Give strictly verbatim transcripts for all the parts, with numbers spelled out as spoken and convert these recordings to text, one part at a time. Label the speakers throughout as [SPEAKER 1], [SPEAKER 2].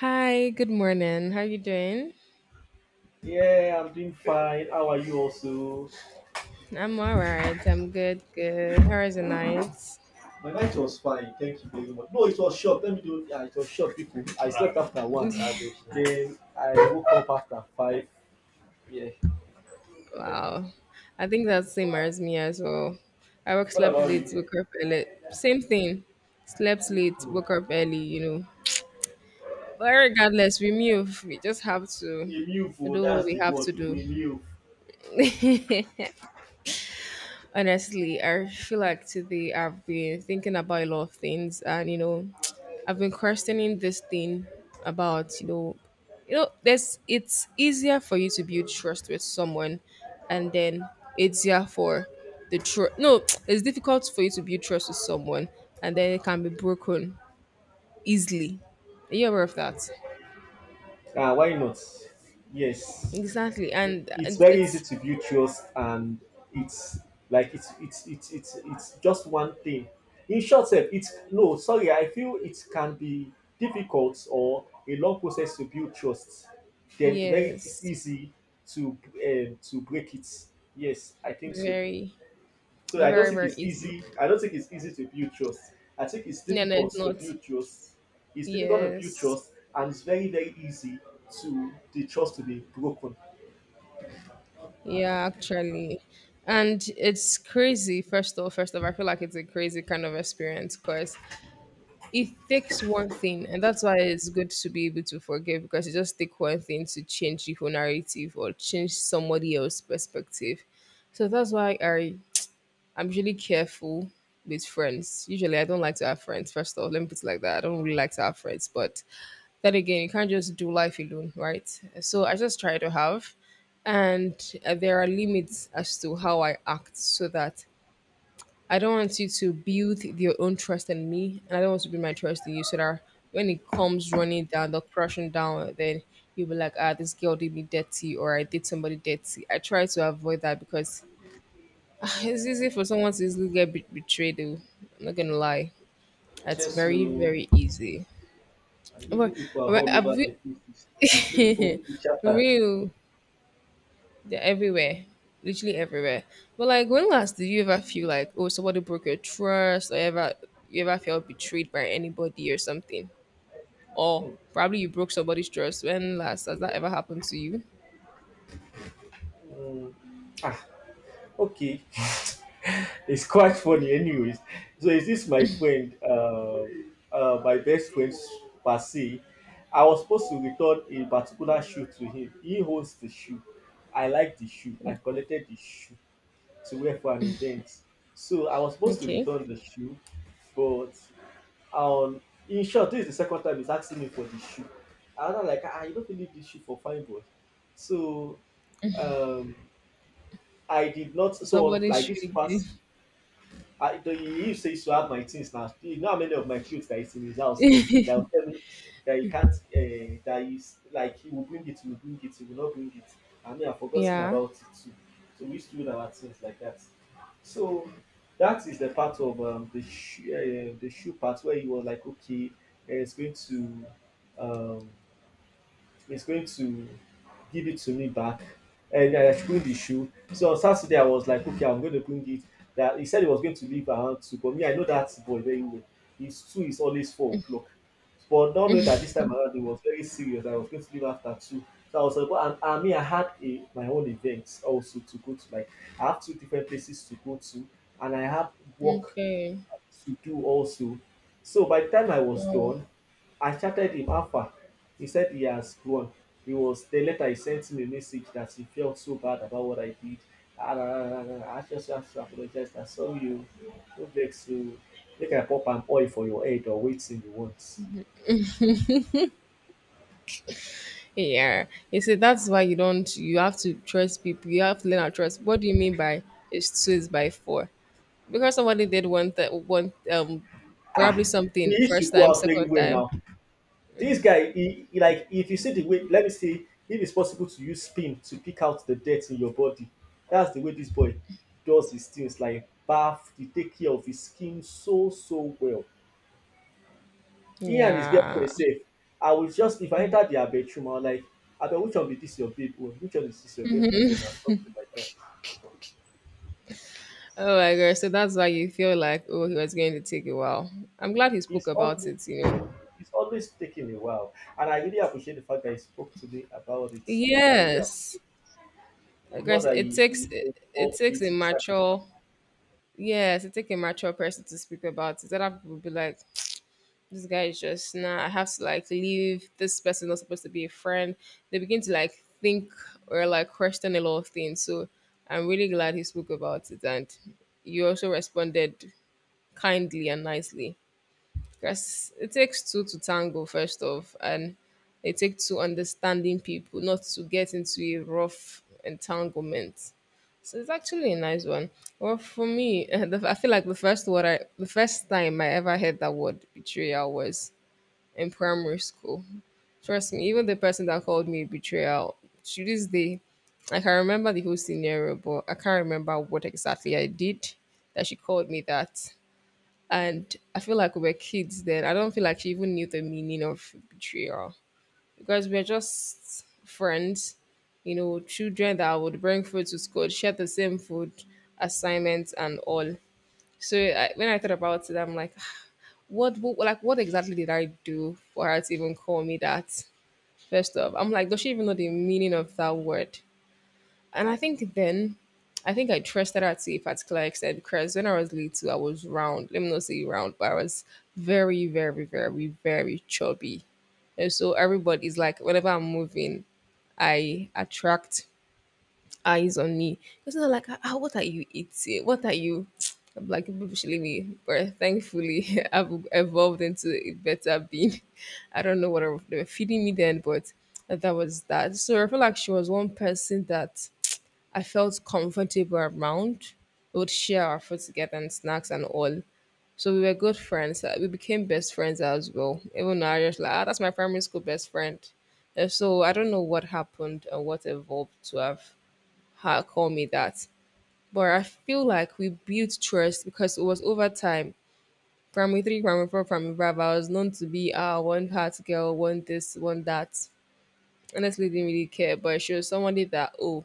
[SPEAKER 1] Hi, good morning. How you doing?
[SPEAKER 2] Yeah, I'm doing fine. How are you also?
[SPEAKER 1] I'm all right. I'm good, good. How is the night?
[SPEAKER 2] My night was fine. Thank you very much. No, it was short. Let me do yeah, it was short, people. I slept after one. Rubbish. Then I woke up after five. Yeah.
[SPEAKER 1] Wow. I think that same as me as well. I work
[SPEAKER 2] What
[SPEAKER 1] slept
[SPEAKER 2] about
[SPEAKER 1] late,
[SPEAKER 2] you?
[SPEAKER 1] woke up early. Same thing. Slept late, woke up early, you know. But regardless, we move. We just have to
[SPEAKER 2] Emil,
[SPEAKER 1] do what
[SPEAKER 2] that's
[SPEAKER 1] we
[SPEAKER 2] the
[SPEAKER 1] have
[SPEAKER 2] word.
[SPEAKER 1] to do.
[SPEAKER 2] Emil.
[SPEAKER 1] Honestly, I feel like today I've been thinking about a lot of things, and you know, I've been questioning this thing about you know, you know, there's it's easier for you to build trust with someone, and then it's easier for the trust. No, it's difficult for you to build trust with someone, and then it can be broken easily. Are you aware of that?
[SPEAKER 2] Ah, why not? Yes,
[SPEAKER 1] Exactly,
[SPEAKER 2] I-
[SPEAKER 1] and,
[SPEAKER 2] it's
[SPEAKER 1] and
[SPEAKER 2] very easy
[SPEAKER 1] it's
[SPEAKER 2] to build trust, and it's like it's it's it's it's it's just one thing. In short, sef, it's no. Sorry, I feel it can be difficult or a long process to build trust. Then very it's
[SPEAKER 1] yes,
[SPEAKER 2] easy to um, to break it. Yes, I think so.
[SPEAKER 1] very,
[SPEAKER 2] So I don't
[SPEAKER 1] very,
[SPEAKER 2] think
[SPEAKER 1] very
[SPEAKER 2] it's
[SPEAKER 1] easy.
[SPEAKER 2] easy. I don't think it's easy to build trust. I think it's
[SPEAKER 1] No, no,
[SPEAKER 2] difficult
[SPEAKER 1] it's
[SPEAKER 2] to
[SPEAKER 1] not.
[SPEAKER 2] build trust. It's difficult to build
[SPEAKER 1] Yes.
[SPEAKER 2] trust, and it's very very easy to the trust to be broken.
[SPEAKER 1] Yeah, actually. And it's crazy, first of all, first of all, I feel like it's a crazy kind of experience because it takes one thing, and that's why it's good to be able to forgive because it just takes one thing to change the whole narrative or change somebody else's perspective. So that's why I I'm usually careful with friends. Usually I don't like to have friends, first of all. Let me put it like that. I don't really like to have friends, but then again, you can't just do life alone, right? So I just try to have, and uh, there are limits as to how I act so that I don't want you to build your own trust in me, and I don't want to build my trust in you so that when it comes running down, the crashing down, then you'll be like, ah, this girl did me dirty, or I did somebody dirty. I try to avoid that because ah, it's easy for someone to easily get be- betrayed. Though. I'm not gonna lie, it's
[SPEAKER 2] Yes,
[SPEAKER 1] very,
[SPEAKER 2] so
[SPEAKER 1] very easy.
[SPEAKER 2] and evil
[SPEAKER 1] But,
[SPEAKER 2] people are
[SPEAKER 1] but
[SPEAKER 2] all
[SPEAKER 1] have
[SPEAKER 2] over the places, looking for
[SPEAKER 1] you
[SPEAKER 2] who is shattered.
[SPEAKER 1] real. They're everywhere. Literally everywhere. But like when last did you ever feel like oh somebody broke your trust or ever you ever felt betrayed by anybody or something? Or
[SPEAKER 2] Hmm.
[SPEAKER 1] probably you broke somebody's trust. When last has that ever happened to you?
[SPEAKER 2] Hmm. Ah. Okay. It's quite funny anyways. So is this my friend, uh, uh my best friend per se. I was supposed to return a particular shoe to him. He holds the shoe. I like the shoe. I collected the shoe to wear for an event. So I was supposed to
[SPEAKER 1] Okay.
[SPEAKER 2] return the shoe, but um in short, this is the second time he's asking me for the shoe, and I'm like, ah, you don't believe this shoe for fine boy. So um I did not. So
[SPEAKER 1] Somebody
[SPEAKER 2] like this
[SPEAKER 1] should
[SPEAKER 2] past,
[SPEAKER 1] give
[SPEAKER 2] I the he used to used to have my things now. You know how many of my clothes that is in his house, that will tell me that he can't. Uh, that is like he will bring it, he will bring it, he will not bring it. I mean, I've forgotten
[SPEAKER 1] yeah.
[SPEAKER 2] about it too. So we used to do our things like that. So that is the part of um, the shoe, uh, the shoe part, where he was like, okay, uh, it's going to. Um, is going to give it to me back. And I should bring the shoe. So on Saturday, I was like, okay, I'm going to bring it. That he said he was going to leave around two, but me, I know that boy very well. His two is always four o'clock. But not knowing that this time around it was very serious, that I was going to leave after two. So I was like, well, and, and me, I had a my own event also to go to. Like I have two different places to go to, and I have work
[SPEAKER 1] Okay.
[SPEAKER 2] to do also. So by the time I was
[SPEAKER 1] Oh.
[SPEAKER 2] done, I chatted him how far. He said he has grown. He was the Later he sent me a message that he felt so bad about what I did. Ah, ah, ah, ah, ah, ah, I just have to apologize. I'm sorry you. No vex you. Make I pop an oil for your head or waiting you want.
[SPEAKER 1] Yeah. You see that's why you don't you have to trust people. You have to learn how to trust. What do you mean by it's two is by four? Because somebody did one that one um probably
[SPEAKER 2] Ah, we
[SPEAKER 1] something
[SPEAKER 2] used to
[SPEAKER 1] first
[SPEAKER 2] go
[SPEAKER 1] time,
[SPEAKER 2] out very
[SPEAKER 1] second
[SPEAKER 2] well
[SPEAKER 1] time.
[SPEAKER 2] now. This guy, he, he like if you see the way, let me see if it's possible to use spin to pick out the dirt in your body. That's the way this boy does his things. Like bath, he take care of his skin so so well. He and his
[SPEAKER 1] Yeah.
[SPEAKER 2] girlfriend safe. I will just if I enter their bedroom, I will like, I bet which one be this your babe own, which one is this your girlfriend own, or something like that.
[SPEAKER 1] Oh my gosh. So that's why you feel like oh he was going to take a while. I'm glad he spoke
[SPEAKER 2] He's
[SPEAKER 1] about
[SPEAKER 2] always
[SPEAKER 1] it, you know.
[SPEAKER 2] it's always taking a while, and I really appreciate the fact that he spoke to me about it. Like I really
[SPEAKER 1] Yes.
[SPEAKER 2] appreciate
[SPEAKER 1] I
[SPEAKER 2] it, not
[SPEAKER 1] guess
[SPEAKER 2] that
[SPEAKER 1] it
[SPEAKER 2] he,
[SPEAKER 1] takes
[SPEAKER 2] he
[SPEAKER 1] it, it
[SPEAKER 2] involved
[SPEAKER 1] takes
[SPEAKER 2] it
[SPEAKER 1] a
[SPEAKER 2] inside his.
[SPEAKER 1] mature yes, it takes a mature person to speak about it. Other people will be like, this guy is just nah, I have to like leave this person, not supposed to be a friend. They begin to like think or like question a lot of things. So I'm really glad he spoke about it, and you also responded kindly and nicely because it takes two to tango, first off, and it takes two understanding people not to get into a rough entanglement. So it's actually a nice one. Well, for me, the, I feel like the first word I, the first time I ever heard that word betrayal was in primary school. Trust me, even the person that called me a betrayal to this day, I can remember the whole scenario, but I can't remember what exactly I did that she called me that. And I feel like we were kids then. I don't feel like she even knew the meaning of betrayal because we are just friends, you know, children that would bring food to school, share the same food, assignments, and all. So I, when I thought about it, I'm like, "Ah, what, what, like, what exactly did I do for her to even call me that? First off, I'm like, does she even know the meaning of that word? And I think then, I think I trusted her to a particular extent because when I was little, I was round. Let me not say round, but I was very, very, very, very chubby. And so everybody's like, whenever I'm moving, I attract eyes on me. It's not like, ah, what are you eating? What are you? I'm like, people should leave me. But thankfully, I've evolved into a better being. I don't know what they were feeding me then, but that was that. So I feel like she was one person that I felt comfortable around. We would share our food together and snacks and all. So we were good friends. Uh, We became best friends as well. Even though I was like, ah, that's my primary school best friend. Uh, So I don't know what happened and what evolved to have her call me that. But I feel like we built trust because it was over time. Primary three, primary four, primary five, I was known to be ah one hot girl, one this, one that. Honestly, didn't really care, but she was somebody that oh,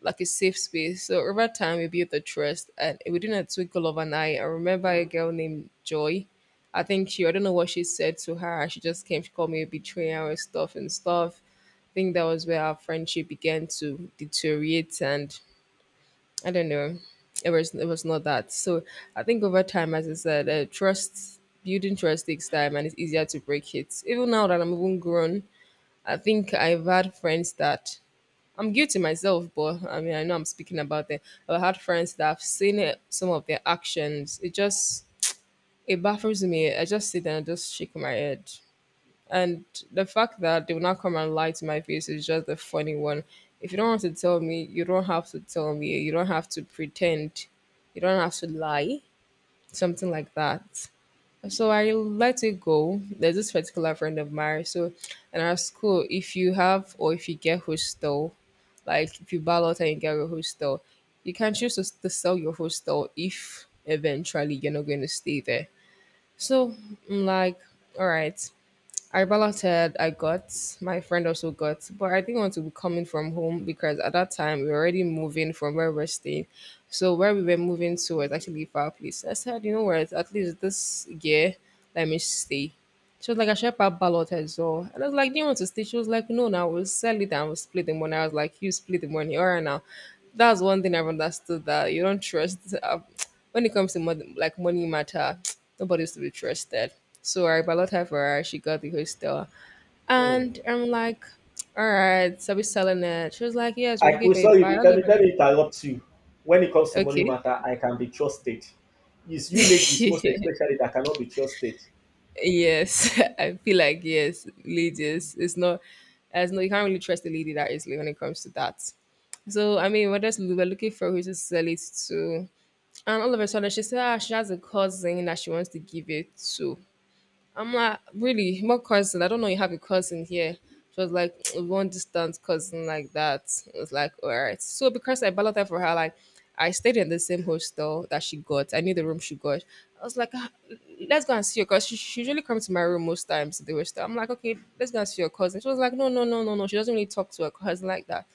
[SPEAKER 1] like a safe space. So over time, we built the trust, and within a twinkle of an eye. I remember a girl named Joy. I think she, I don't know what she said to her. She just came, she called me a betrayer and stuff and stuff. I think that was where our friendship began to deteriorate, and I don't know. It was it was not that. So I think over time, as I said, uh, trust building trust takes time, and it's easier to break it. Even now that I'm even grown, I think I've had friends that I'm guilty myself, but I mean I know I'm speaking about them. I've had friends that I've seen it, some of their actions. It just it baffles me. I just sit there and I just shake my head. And the fact that they will not come and lie to my face is just a funny one. If you don't want to tell me, you don't have to tell me. You don't have to pretend. You don't have to lie. Something like that. So I let it go. There's this particular friend of mine. So in our school, if you have or if you get hostel, like if you ballot and you get a hostel, you can choose to, to sell your hostel if eventually you're not going to stay there. So I'm like, all right, Arbala said I got, my friend also got, but I didn't want to be coming from home because at that time we were already moving from where we're staying. So where we were moving to was actually a far place. I said, you know what, at least this year, let me stay. She was like, I should help her ballot as well. And I was like, do you want to stay? She was like, no, now we'll sell it and we'll split the money. I was like, you split the money. All right, now. That's one thing I've understood that you don't trust. Uh, when it comes to money, like money matter, nobody's to be trusted. So I ballot her for her. She got the hostel.
[SPEAKER 2] Hmm.
[SPEAKER 1] And I'm like, all right, so we're selling it. She was like, yes, we're
[SPEAKER 2] I
[SPEAKER 1] looking
[SPEAKER 2] we
[SPEAKER 1] for a
[SPEAKER 2] sorry, be-
[SPEAKER 1] buyer.
[SPEAKER 2] let me let me interrupt you. When it comes to money
[SPEAKER 1] Okay.
[SPEAKER 2] matter, I can be trusted. It's you ladies most especially that cannot be trusted.
[SPEAKER 1] Yes, I feel like yes, ladies. It's not as no you can't really trust a lady that easily when it comes to that. So I mean we're just we were looking for who to sell it to. And all of a sudden she said ah, she has a cousin that she wants to give it to. I'm like, really, my cousin. I don't know you have a cousin here. She was like, one distant cousin like that. It was like, all right. So because I balloted for her, like, I stayed in the same hostel that she got. I knew the room she got. I was like, ah, let's go and see her because she, she usually comes to my room most times to the hostel. I'm like, okay, let's go and see your cousin. She was like, no, no, no, no, no. She doesn't really talk to her cousin like that.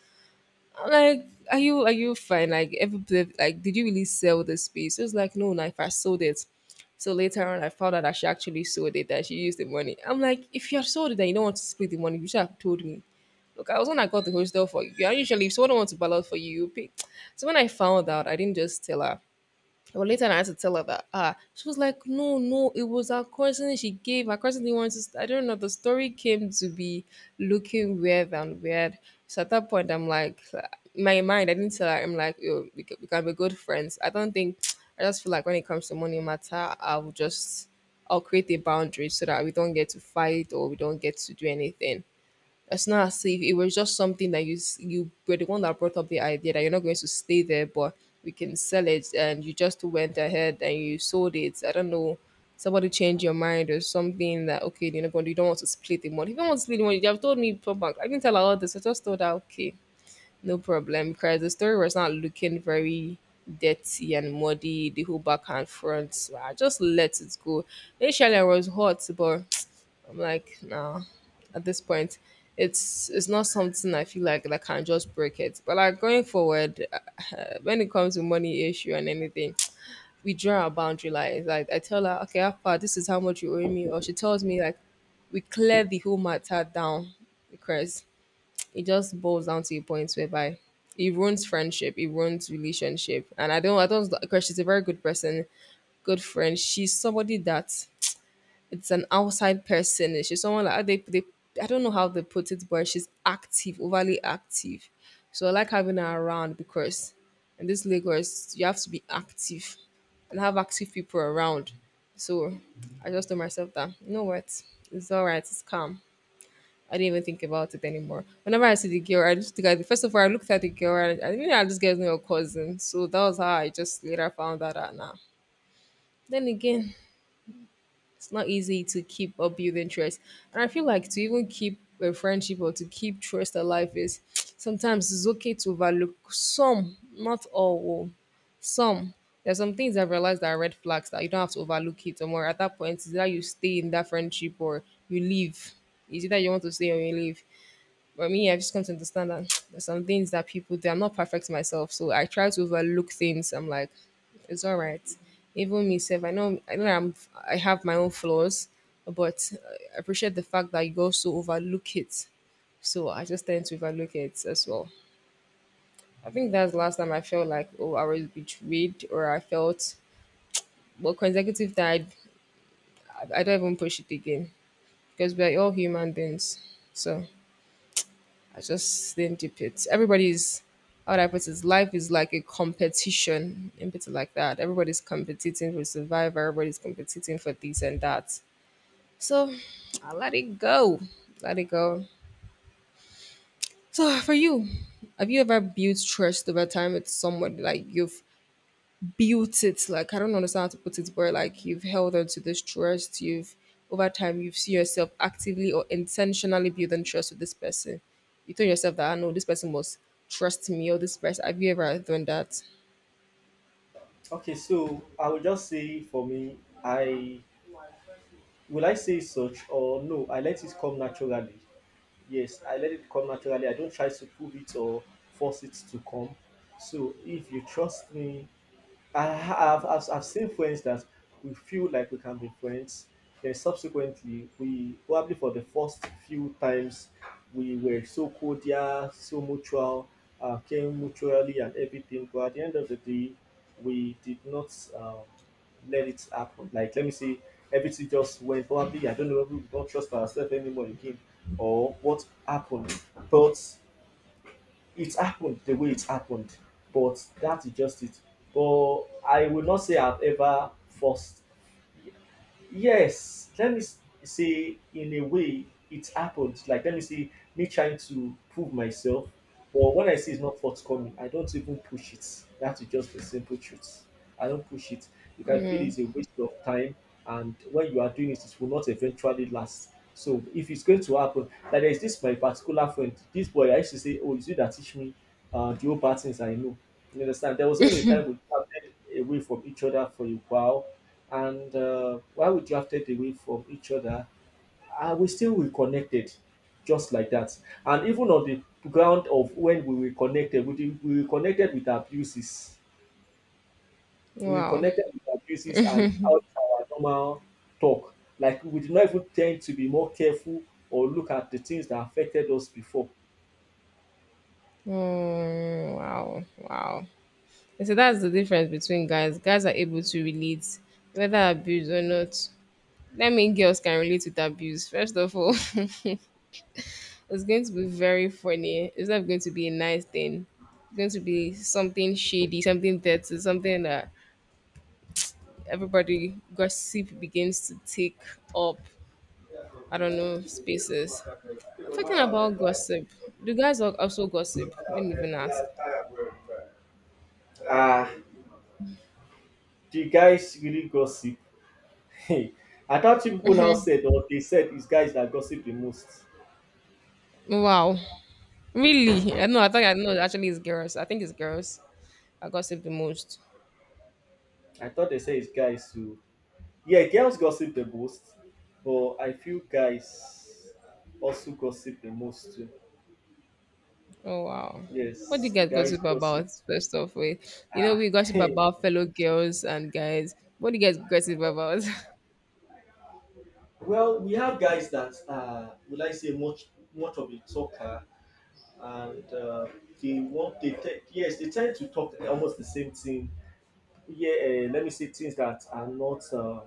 [SPEAKER 1] I'm like are you are you fine like everybody like did you really sell the space? It was like, no, like I sold it. So later on I found out that she actually sold it, that she used the money. I'm like, if you have sold it, then you don't want to split the money, you should have told me. Look, I was when I got the hostel for you, and usually if someone wants to ballot for you, you pay. So when I found out, I didn't just tell her, but later I had to tell her that ah, she was like, no, no, it was her cousin she gave. Her cousin didn't want to. St-. I don't know. The story came to be looking weird and weird. So at that point, I'm like, in my mind, I didn't tell her. I'm like, yo, we can, we can be good friends. I don't think. I just feel like when it comes to money matter, I will just, I'll create a boundary so that we don't get to fight or we don't get to do anything. It's not as if it was just something that you s- you were the one that brought up the idea that you're not going to stay there, but we can sell it, and you just went ahead and you sold it. I don't know. Somebody changed your mind or something that okay, you know, but you don't want to split the money. If you don't want to split the money, you have told me for back. I didn't tell her all this. I just told her okay, no problem, because the story was not looking very dirty and muddy. The whole back and front, so I just let it go. Initially, I was hot, but I'm like, nah. At this point, it's it's not something I feel like that can just break it. But like going forward, when it comes to money issue and anything, we draw our boundary lines. Like I tell her, okay, Alpha, this is how much you owe me, or she tells me like, we clear the whole matter down because it just boils down to a point whereby it ruins friendship, it ruins relationship, and I don't, I don't because she's a very good person, good friend. She's somebody that it's an outside person. And She's someone like they, they I don't know how they put it, but she's active, overly active. So I like having her around because in this Lagos you have to be active and have active people around. So I just told myself that you know what, it's all right, it's calm. I didn't even think about it anymore. Whenever I see the girl, I just think I, first of all I looked at the girl. I, I knew that this girl's not your cousin, so that was how I just later found that out. Now, then again, it's not easy to keep or build interest. And I feel like to even keep a friendship or to keep trust alive is sometimes it's okay to overlook some, not all, oh, some. There's some things I've realized that are red flags that you don't have to overlook it. Or more at that point, is that you stay in that friendship or you leave. Is it that you want to stay or you leave? But me, I've just come to understand that there's some things that people do. I'm not perfect myself, so I try to overlook things. I'm like, it's all right. Even myself, I know, I know, I'm, I have my own flaws, but I appreciate the fact that you also overlook it. So I just tend to overlook it as well. I think that's the last time I felt like, oh, I was betrayed, or I felt, well, consecutive that I, I don't even push it again because we're all human beings. So. I just didn't dip it. Everybody's how would I put it? Life is like a competition, in bit like that. Everybody's competing for survival. Everybody's competing for this and that. So I let it go. Let it go. So for you, have you ever built trust over time with someone like you've built it like I don't understand how to put it, but like you've held on to this trust, you've over time you've seen yourself actively or intentionally building trust with this person, you told yourself that I know this person must trust me, or this person, have you ever done that?
[SPEAKER 2] Okay, so I will just say for me, I will I say such or no, I let it come naturally. Yes, I let it come naturally. I don't try to prove it or force it to come. So if you trust me, I have I've, I've seen friends that we feel like we can be friends. Then subsequently, we probably for the first few times we were so cordial, so mutual, uh, came mutually and everything. But at the end of the day, we did not um, let it happen. Like let me say, everything just went probably. I don't know. We don't trust ourselves anymore again, or what happened, but it happened the way it happened, but that's just it. But I will not say I've ever forced. Yes, let me s- say in a way it happened. Like let me say me trying to prove myself, but when I see it's not forthcoming, I don't even push it. That's just the simple truth. I don't push it. You can feel it's a waste of time, and when you are doing it, it will not eventually last. So if it's going to happen, like, there's this my particular friend, this boy I used to say, oh, is you that teach me uh the old patterns I know. You understand there was even a time we started away from each other for a while. And uh, while we drifted away from each other, uh, we still reconnected just like that. And even on the ground of when we reconnected, we, did, we reconnected with abuses. We
[SPEAKER 1] Wow.
[SPEAKER 2] reconnected with abuses and out our normal talk. Like we did not even tend to be more careful or look at the things that affected us before.
[SPEAKER 1] Mm, wow, wow. And so that's the difference between guys, guys are able to relate whether abuse or not. Let me, girls can relate with abuse first of all. It's going to be very funny. It's not going to be a nice thing. It's going to be something shady, something dirty, something that everybody gossip begins to take up. I don't know spaces. Talking about gossip, do guys al- also gossip? Let me even ask.
[SPEAKER 2] Ah, the guys really gossip. Hey, I thought people now said or they said it's guys that gossip the most.
[SPEAKER 1] Wow, really? I know. I thought I know. Actually, it's girls. I think it's girls. I gossip the most.
[SPEAKER 2] I thought they said it's guys who, yeah, girls gossip the most, but I feel guys also gossip the most too.
[SPEAKER 1] Oh wow. What do you
[SPEAKER 2] Yes,
[SPEAKER 1] guys
[SPEAKER 2] guys
[SPEAKER 1] gossip
[SPEAKER 2] gossip.
[SPEAKER 1] about? First off, with you know
[SPEAKER 2] Ah.
[SPEAKER 1] we gossip
[SPEAKER 2] Hey.
[SPEAKER 1] about fellow girls and guys. What do you guys gossip about?
[SPEAKER 2] Well, we have guys that are, would I say, much much of a talker, and uh, they want they te- yes, they tend to talk almost the same thing. Yeah, uh, let me say things that are not. Um,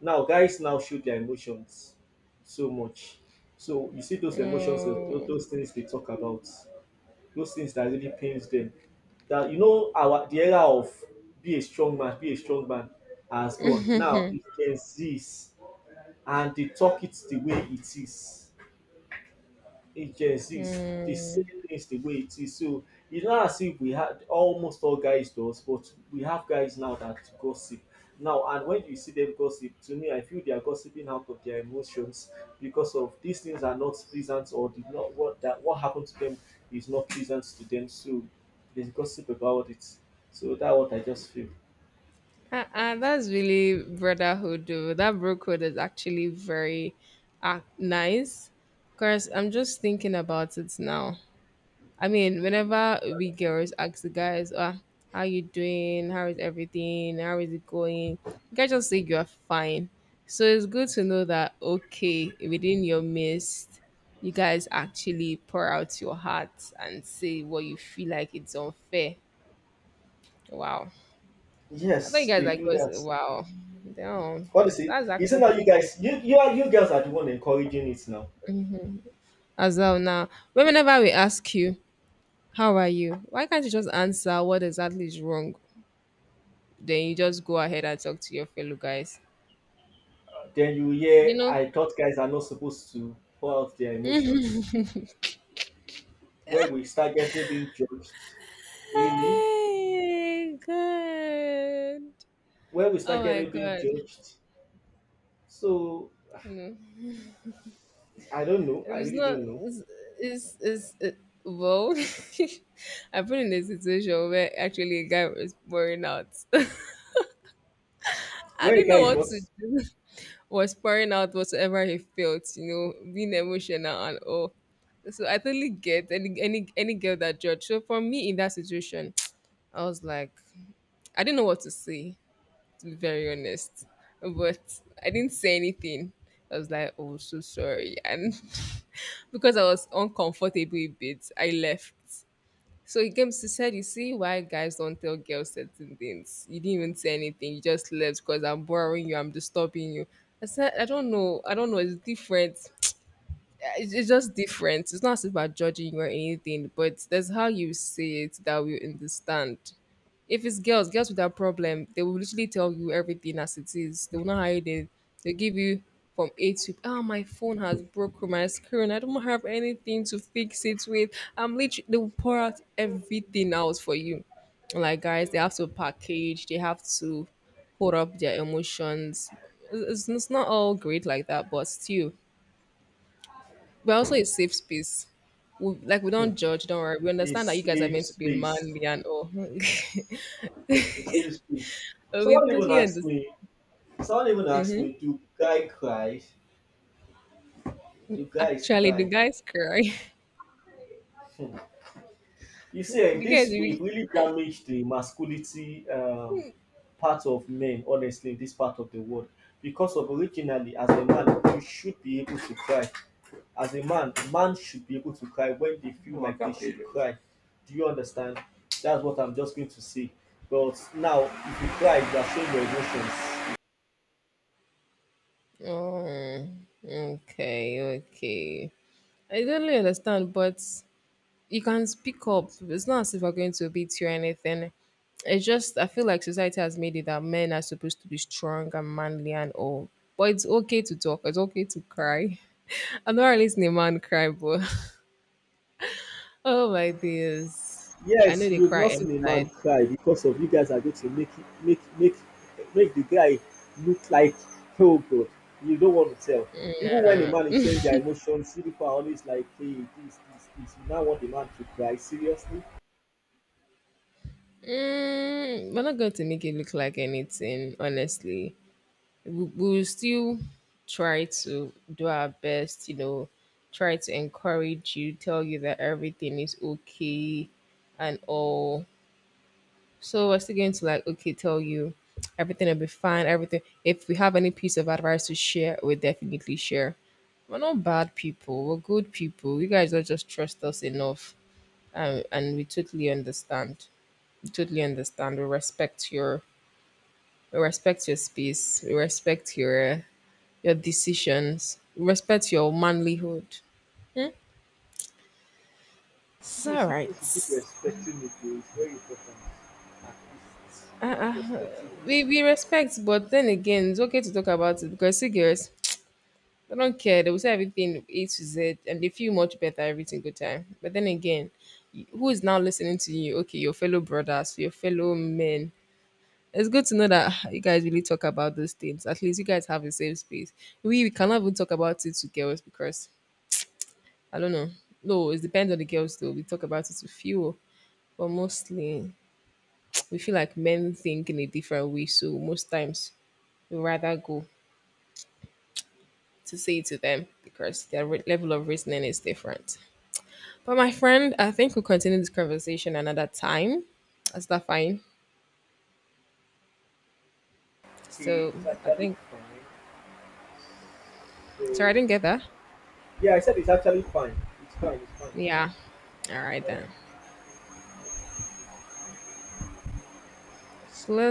[SPEAKER 2] Now, guys now show their emotions so much. So you see those emotions, uh, tho-
[SPEAKER 1] Mm.
[SPEAKER 2] those things they talk about, those things that really pains them. That, you know, our the era of be a strong man, be a strong man has gone. Now it can cease, and they talk it the way it is, it just is the same things the way it is. So it's not as if we had almost all guys does, but we have guys now that gossip. Now and when you see them gossip, to me I feel they are gossiping out of their emotions because of these things are not pleasant or did not what that what happened to them is not pleasant to them. So they gossip about it. So that's what I just feel.
[SPEAKER 1] Uh-uh, that's really brotherhood, though. That bro code is actually very uh, nice. Because I'm just thinking about it now. I mean, whenever we girls ask the guys, ah, how you doing? How is everything? How is it going? You guys just say you are fine. So it's good to know that, okay, within your midst, you guys actually pour out your heart and say what you feel like it's unfair. Wow. I thought you
[SPEAKER 2] Yes,
[SPEAKER 1] guys
[SPEAKER 2] they
[SPEAKER 1] like
[SPEAKER 2] do
[SPEAKER 1] going
[SPEAKER 2] that.
[SPEAKER 1] to wow. Damn.
[SPEAKER 2] What is it?
[SPEAKER 1] That's
[SPEAKER 2] Isn't that you
[SPEAKER 1] actually
[SPEAKER 2] guys you you are you girls are the one encouraging it now?
[SPEAKER 1] as well now. But whenever we ask you, how are you? Why can't you just answer what exactly is wrong? Then you just go ahead and talk to your fellow guys.
[SPEAKER 2] Then you
[SPEAKER 1] You
[SPEAKER 2] hear,
[SPEAKER 1] know?
[SPEAKER 2] I thought guys are not supposed to pour out their emotions. Where we start getting being judged, really?
[SPEAKER 1] Hey, good.
[SPEAKER 2] Where we
[SPEAKER 1] Oh
[SPEAKER 2] start
[SPEAKER 1] my
[SPEAKER 2] getting being
[SPEAKER 1] god.
[SPEAKER 2] judged. So
[SPEAKER 1] No.
[SPEAKER 2] I don't know.
[SPEAKER 1] It
[SPEAKER 2] I
[SPEAKER 1] was
[SPEAKER 2] really
[SPEAKER 1] not
[SPEAKER 2] don't know.
[SPEAKER 1] it's it's, it's it, well I've been in a situation where actually a guy was pouring out. I
[SPEAKER 2] Where a
[SPEAKER 1] didn't know
[SPEAKER 2] guy is
[SPEAKER 1] what
[SPEAKER 2] what?
[SPEAKER 1] to was pouring out whatever he felt, you know, being emotional and all. So I totally get any any any girl that judge. So for me in that situation, I was like, I didn't know what to say, to be very honest. But I didn't say anything. I was like, oh so sorry. And because I was uncomfortable a bit, I left. So he came to said, "You see why guys don't tell girls certain things? You didn't even say anything. You just left because I'm bothering you. I'm disturbing you." I said, "I don't know. I don't know. It's different it's, it's just different. It's not as if we're judging you or anything, but there's how you say it that we understand. If it's girls, girls with that problem, they will literally tell you everything as it is. They will not hide it. They give you from A to oh my phone has broken my screen. I don't have anything to fix it with. I'm literally they will pour out everything else for you. Like guys, they have to package. They have to hold up their emotions. It's, it's not all great like that, but still, but also a safe space. We, like we don't judge, don't worry. We
[SPEAKER 2] A
[SPEAKER 1] understand that you guys are
[SPEAKER 2] safe
[SPEAKER 1] meant to be
[SPEAKER 2] space,
[SPEAKER 1] manly and all.
[SPEAKER 2] a safe space.
[SPEAKER 1] But we
[SPEAKER 2] Someone even
[SPEAKER 1] totally
[SPEAKER 2] asked
[SPEAKER 1] understand.
[SPEAKER 2] me. Someone even asked me, do guy cry? Do guys
[SPEAKER 1] Actually, the
[SPEAKER 2] cry?
[SPEAKER 1] guys cry.
[SPEAKER 2] You see, like,
[SPEAKER 1] The guys
[SPEAKER 2] this
[SPEAKER 1] really.
[SPEAKER 2] we've really damaged the masculinity um, part of men, honestly, in this part of the world. Because of originally, as a man, you should be able to cry. As a man, man should be able to cry when they feel like they should cry. Do you understand? That's what I'm just going to say. But now, if you cry, you are showing your emotions.
[SPEAKER 1] Oh, okay, okay. I totally understand, but you can speak up. It's not as if we're going to beat you or anything. It's just I feel like society has made it that men are supposed to be strong and manly and all. But it's okay to talk. It's okay to cry. I'm not really listening a man cry, but oh my dears. I know
[SPEAKER 2] Yes,
[SPEAKER 1] they
[SPEAKER 2] you've
[SPEAKER 1] cry
[SPEAKER 2] not seen a man
[SPEAKER 1] inside.
[SPEAKER 2] cry because of you guys are going to make make make make the guy look like, oh god, you don't want to tell. Even when a man is showing their emotions, you people are always like, hey, this, this, this. You now want the man to cry seriously?
[SPEAKER 1] Mm, we're not going to make it look like anything, honestly. We, we will still try to do our best, you know, try to encourage you, tell you that everything is okay and all. So we're still going to, like, okay, tell you everything will be fine, everything. If we have any piece of advice to share, we'll definitely share. We're not bad people, we're good people. You guys don't just trust us enough um, and we totally understand. We totally understand. We respect your we respect your space. We respect your uh, your decisions. We respect your manlyhood. Hmm? It's all
[SPEAKER 2] Please, you
[SPEAKER 1] right.
[SPEAKER 2] people should keep respecting it. Though. It's very important. At least keep respecting it.
[SPEAKER 1] We we respect, but then again, it's okay to talk about it because see girls, they don't care. They will say everything A to Z, and they feel much better every single time. But then again, y- who is now listening to you? Okay, your fellow brothers, your fellow men, it's good to know that you guys really talk about those things. At least you guys have the same space. We, we cannot even talk about it to girls because I don't know. No, it depends on the girls though. We talk about it to few, but mostly we feel like men think in a different way. So most times we rather go to say it to them because their re- level of reasoning is different. But my friend, I think we'll continue this conversation another time. Is that fine?
[SPEAKER 2] Okay,
[SPEAKER 1] So
[SPEAKER 2] it's
[SPEAKER 1] I
[SPEAKER 2] actually
[SPEAKER 1] think
[SPEAKER 2] fine. So
[SPEAKER 1] sorry I didn't get that.
[SPEAKER 2] yeah, I said it's actually fine. It's fine. It's fine.
[SPEAKER 1] Yeah. All right
[SPEAKER 2] All
[SPEAKER 1] then.
[SPEAKER 2] right.
[SPEAKER 1] So let's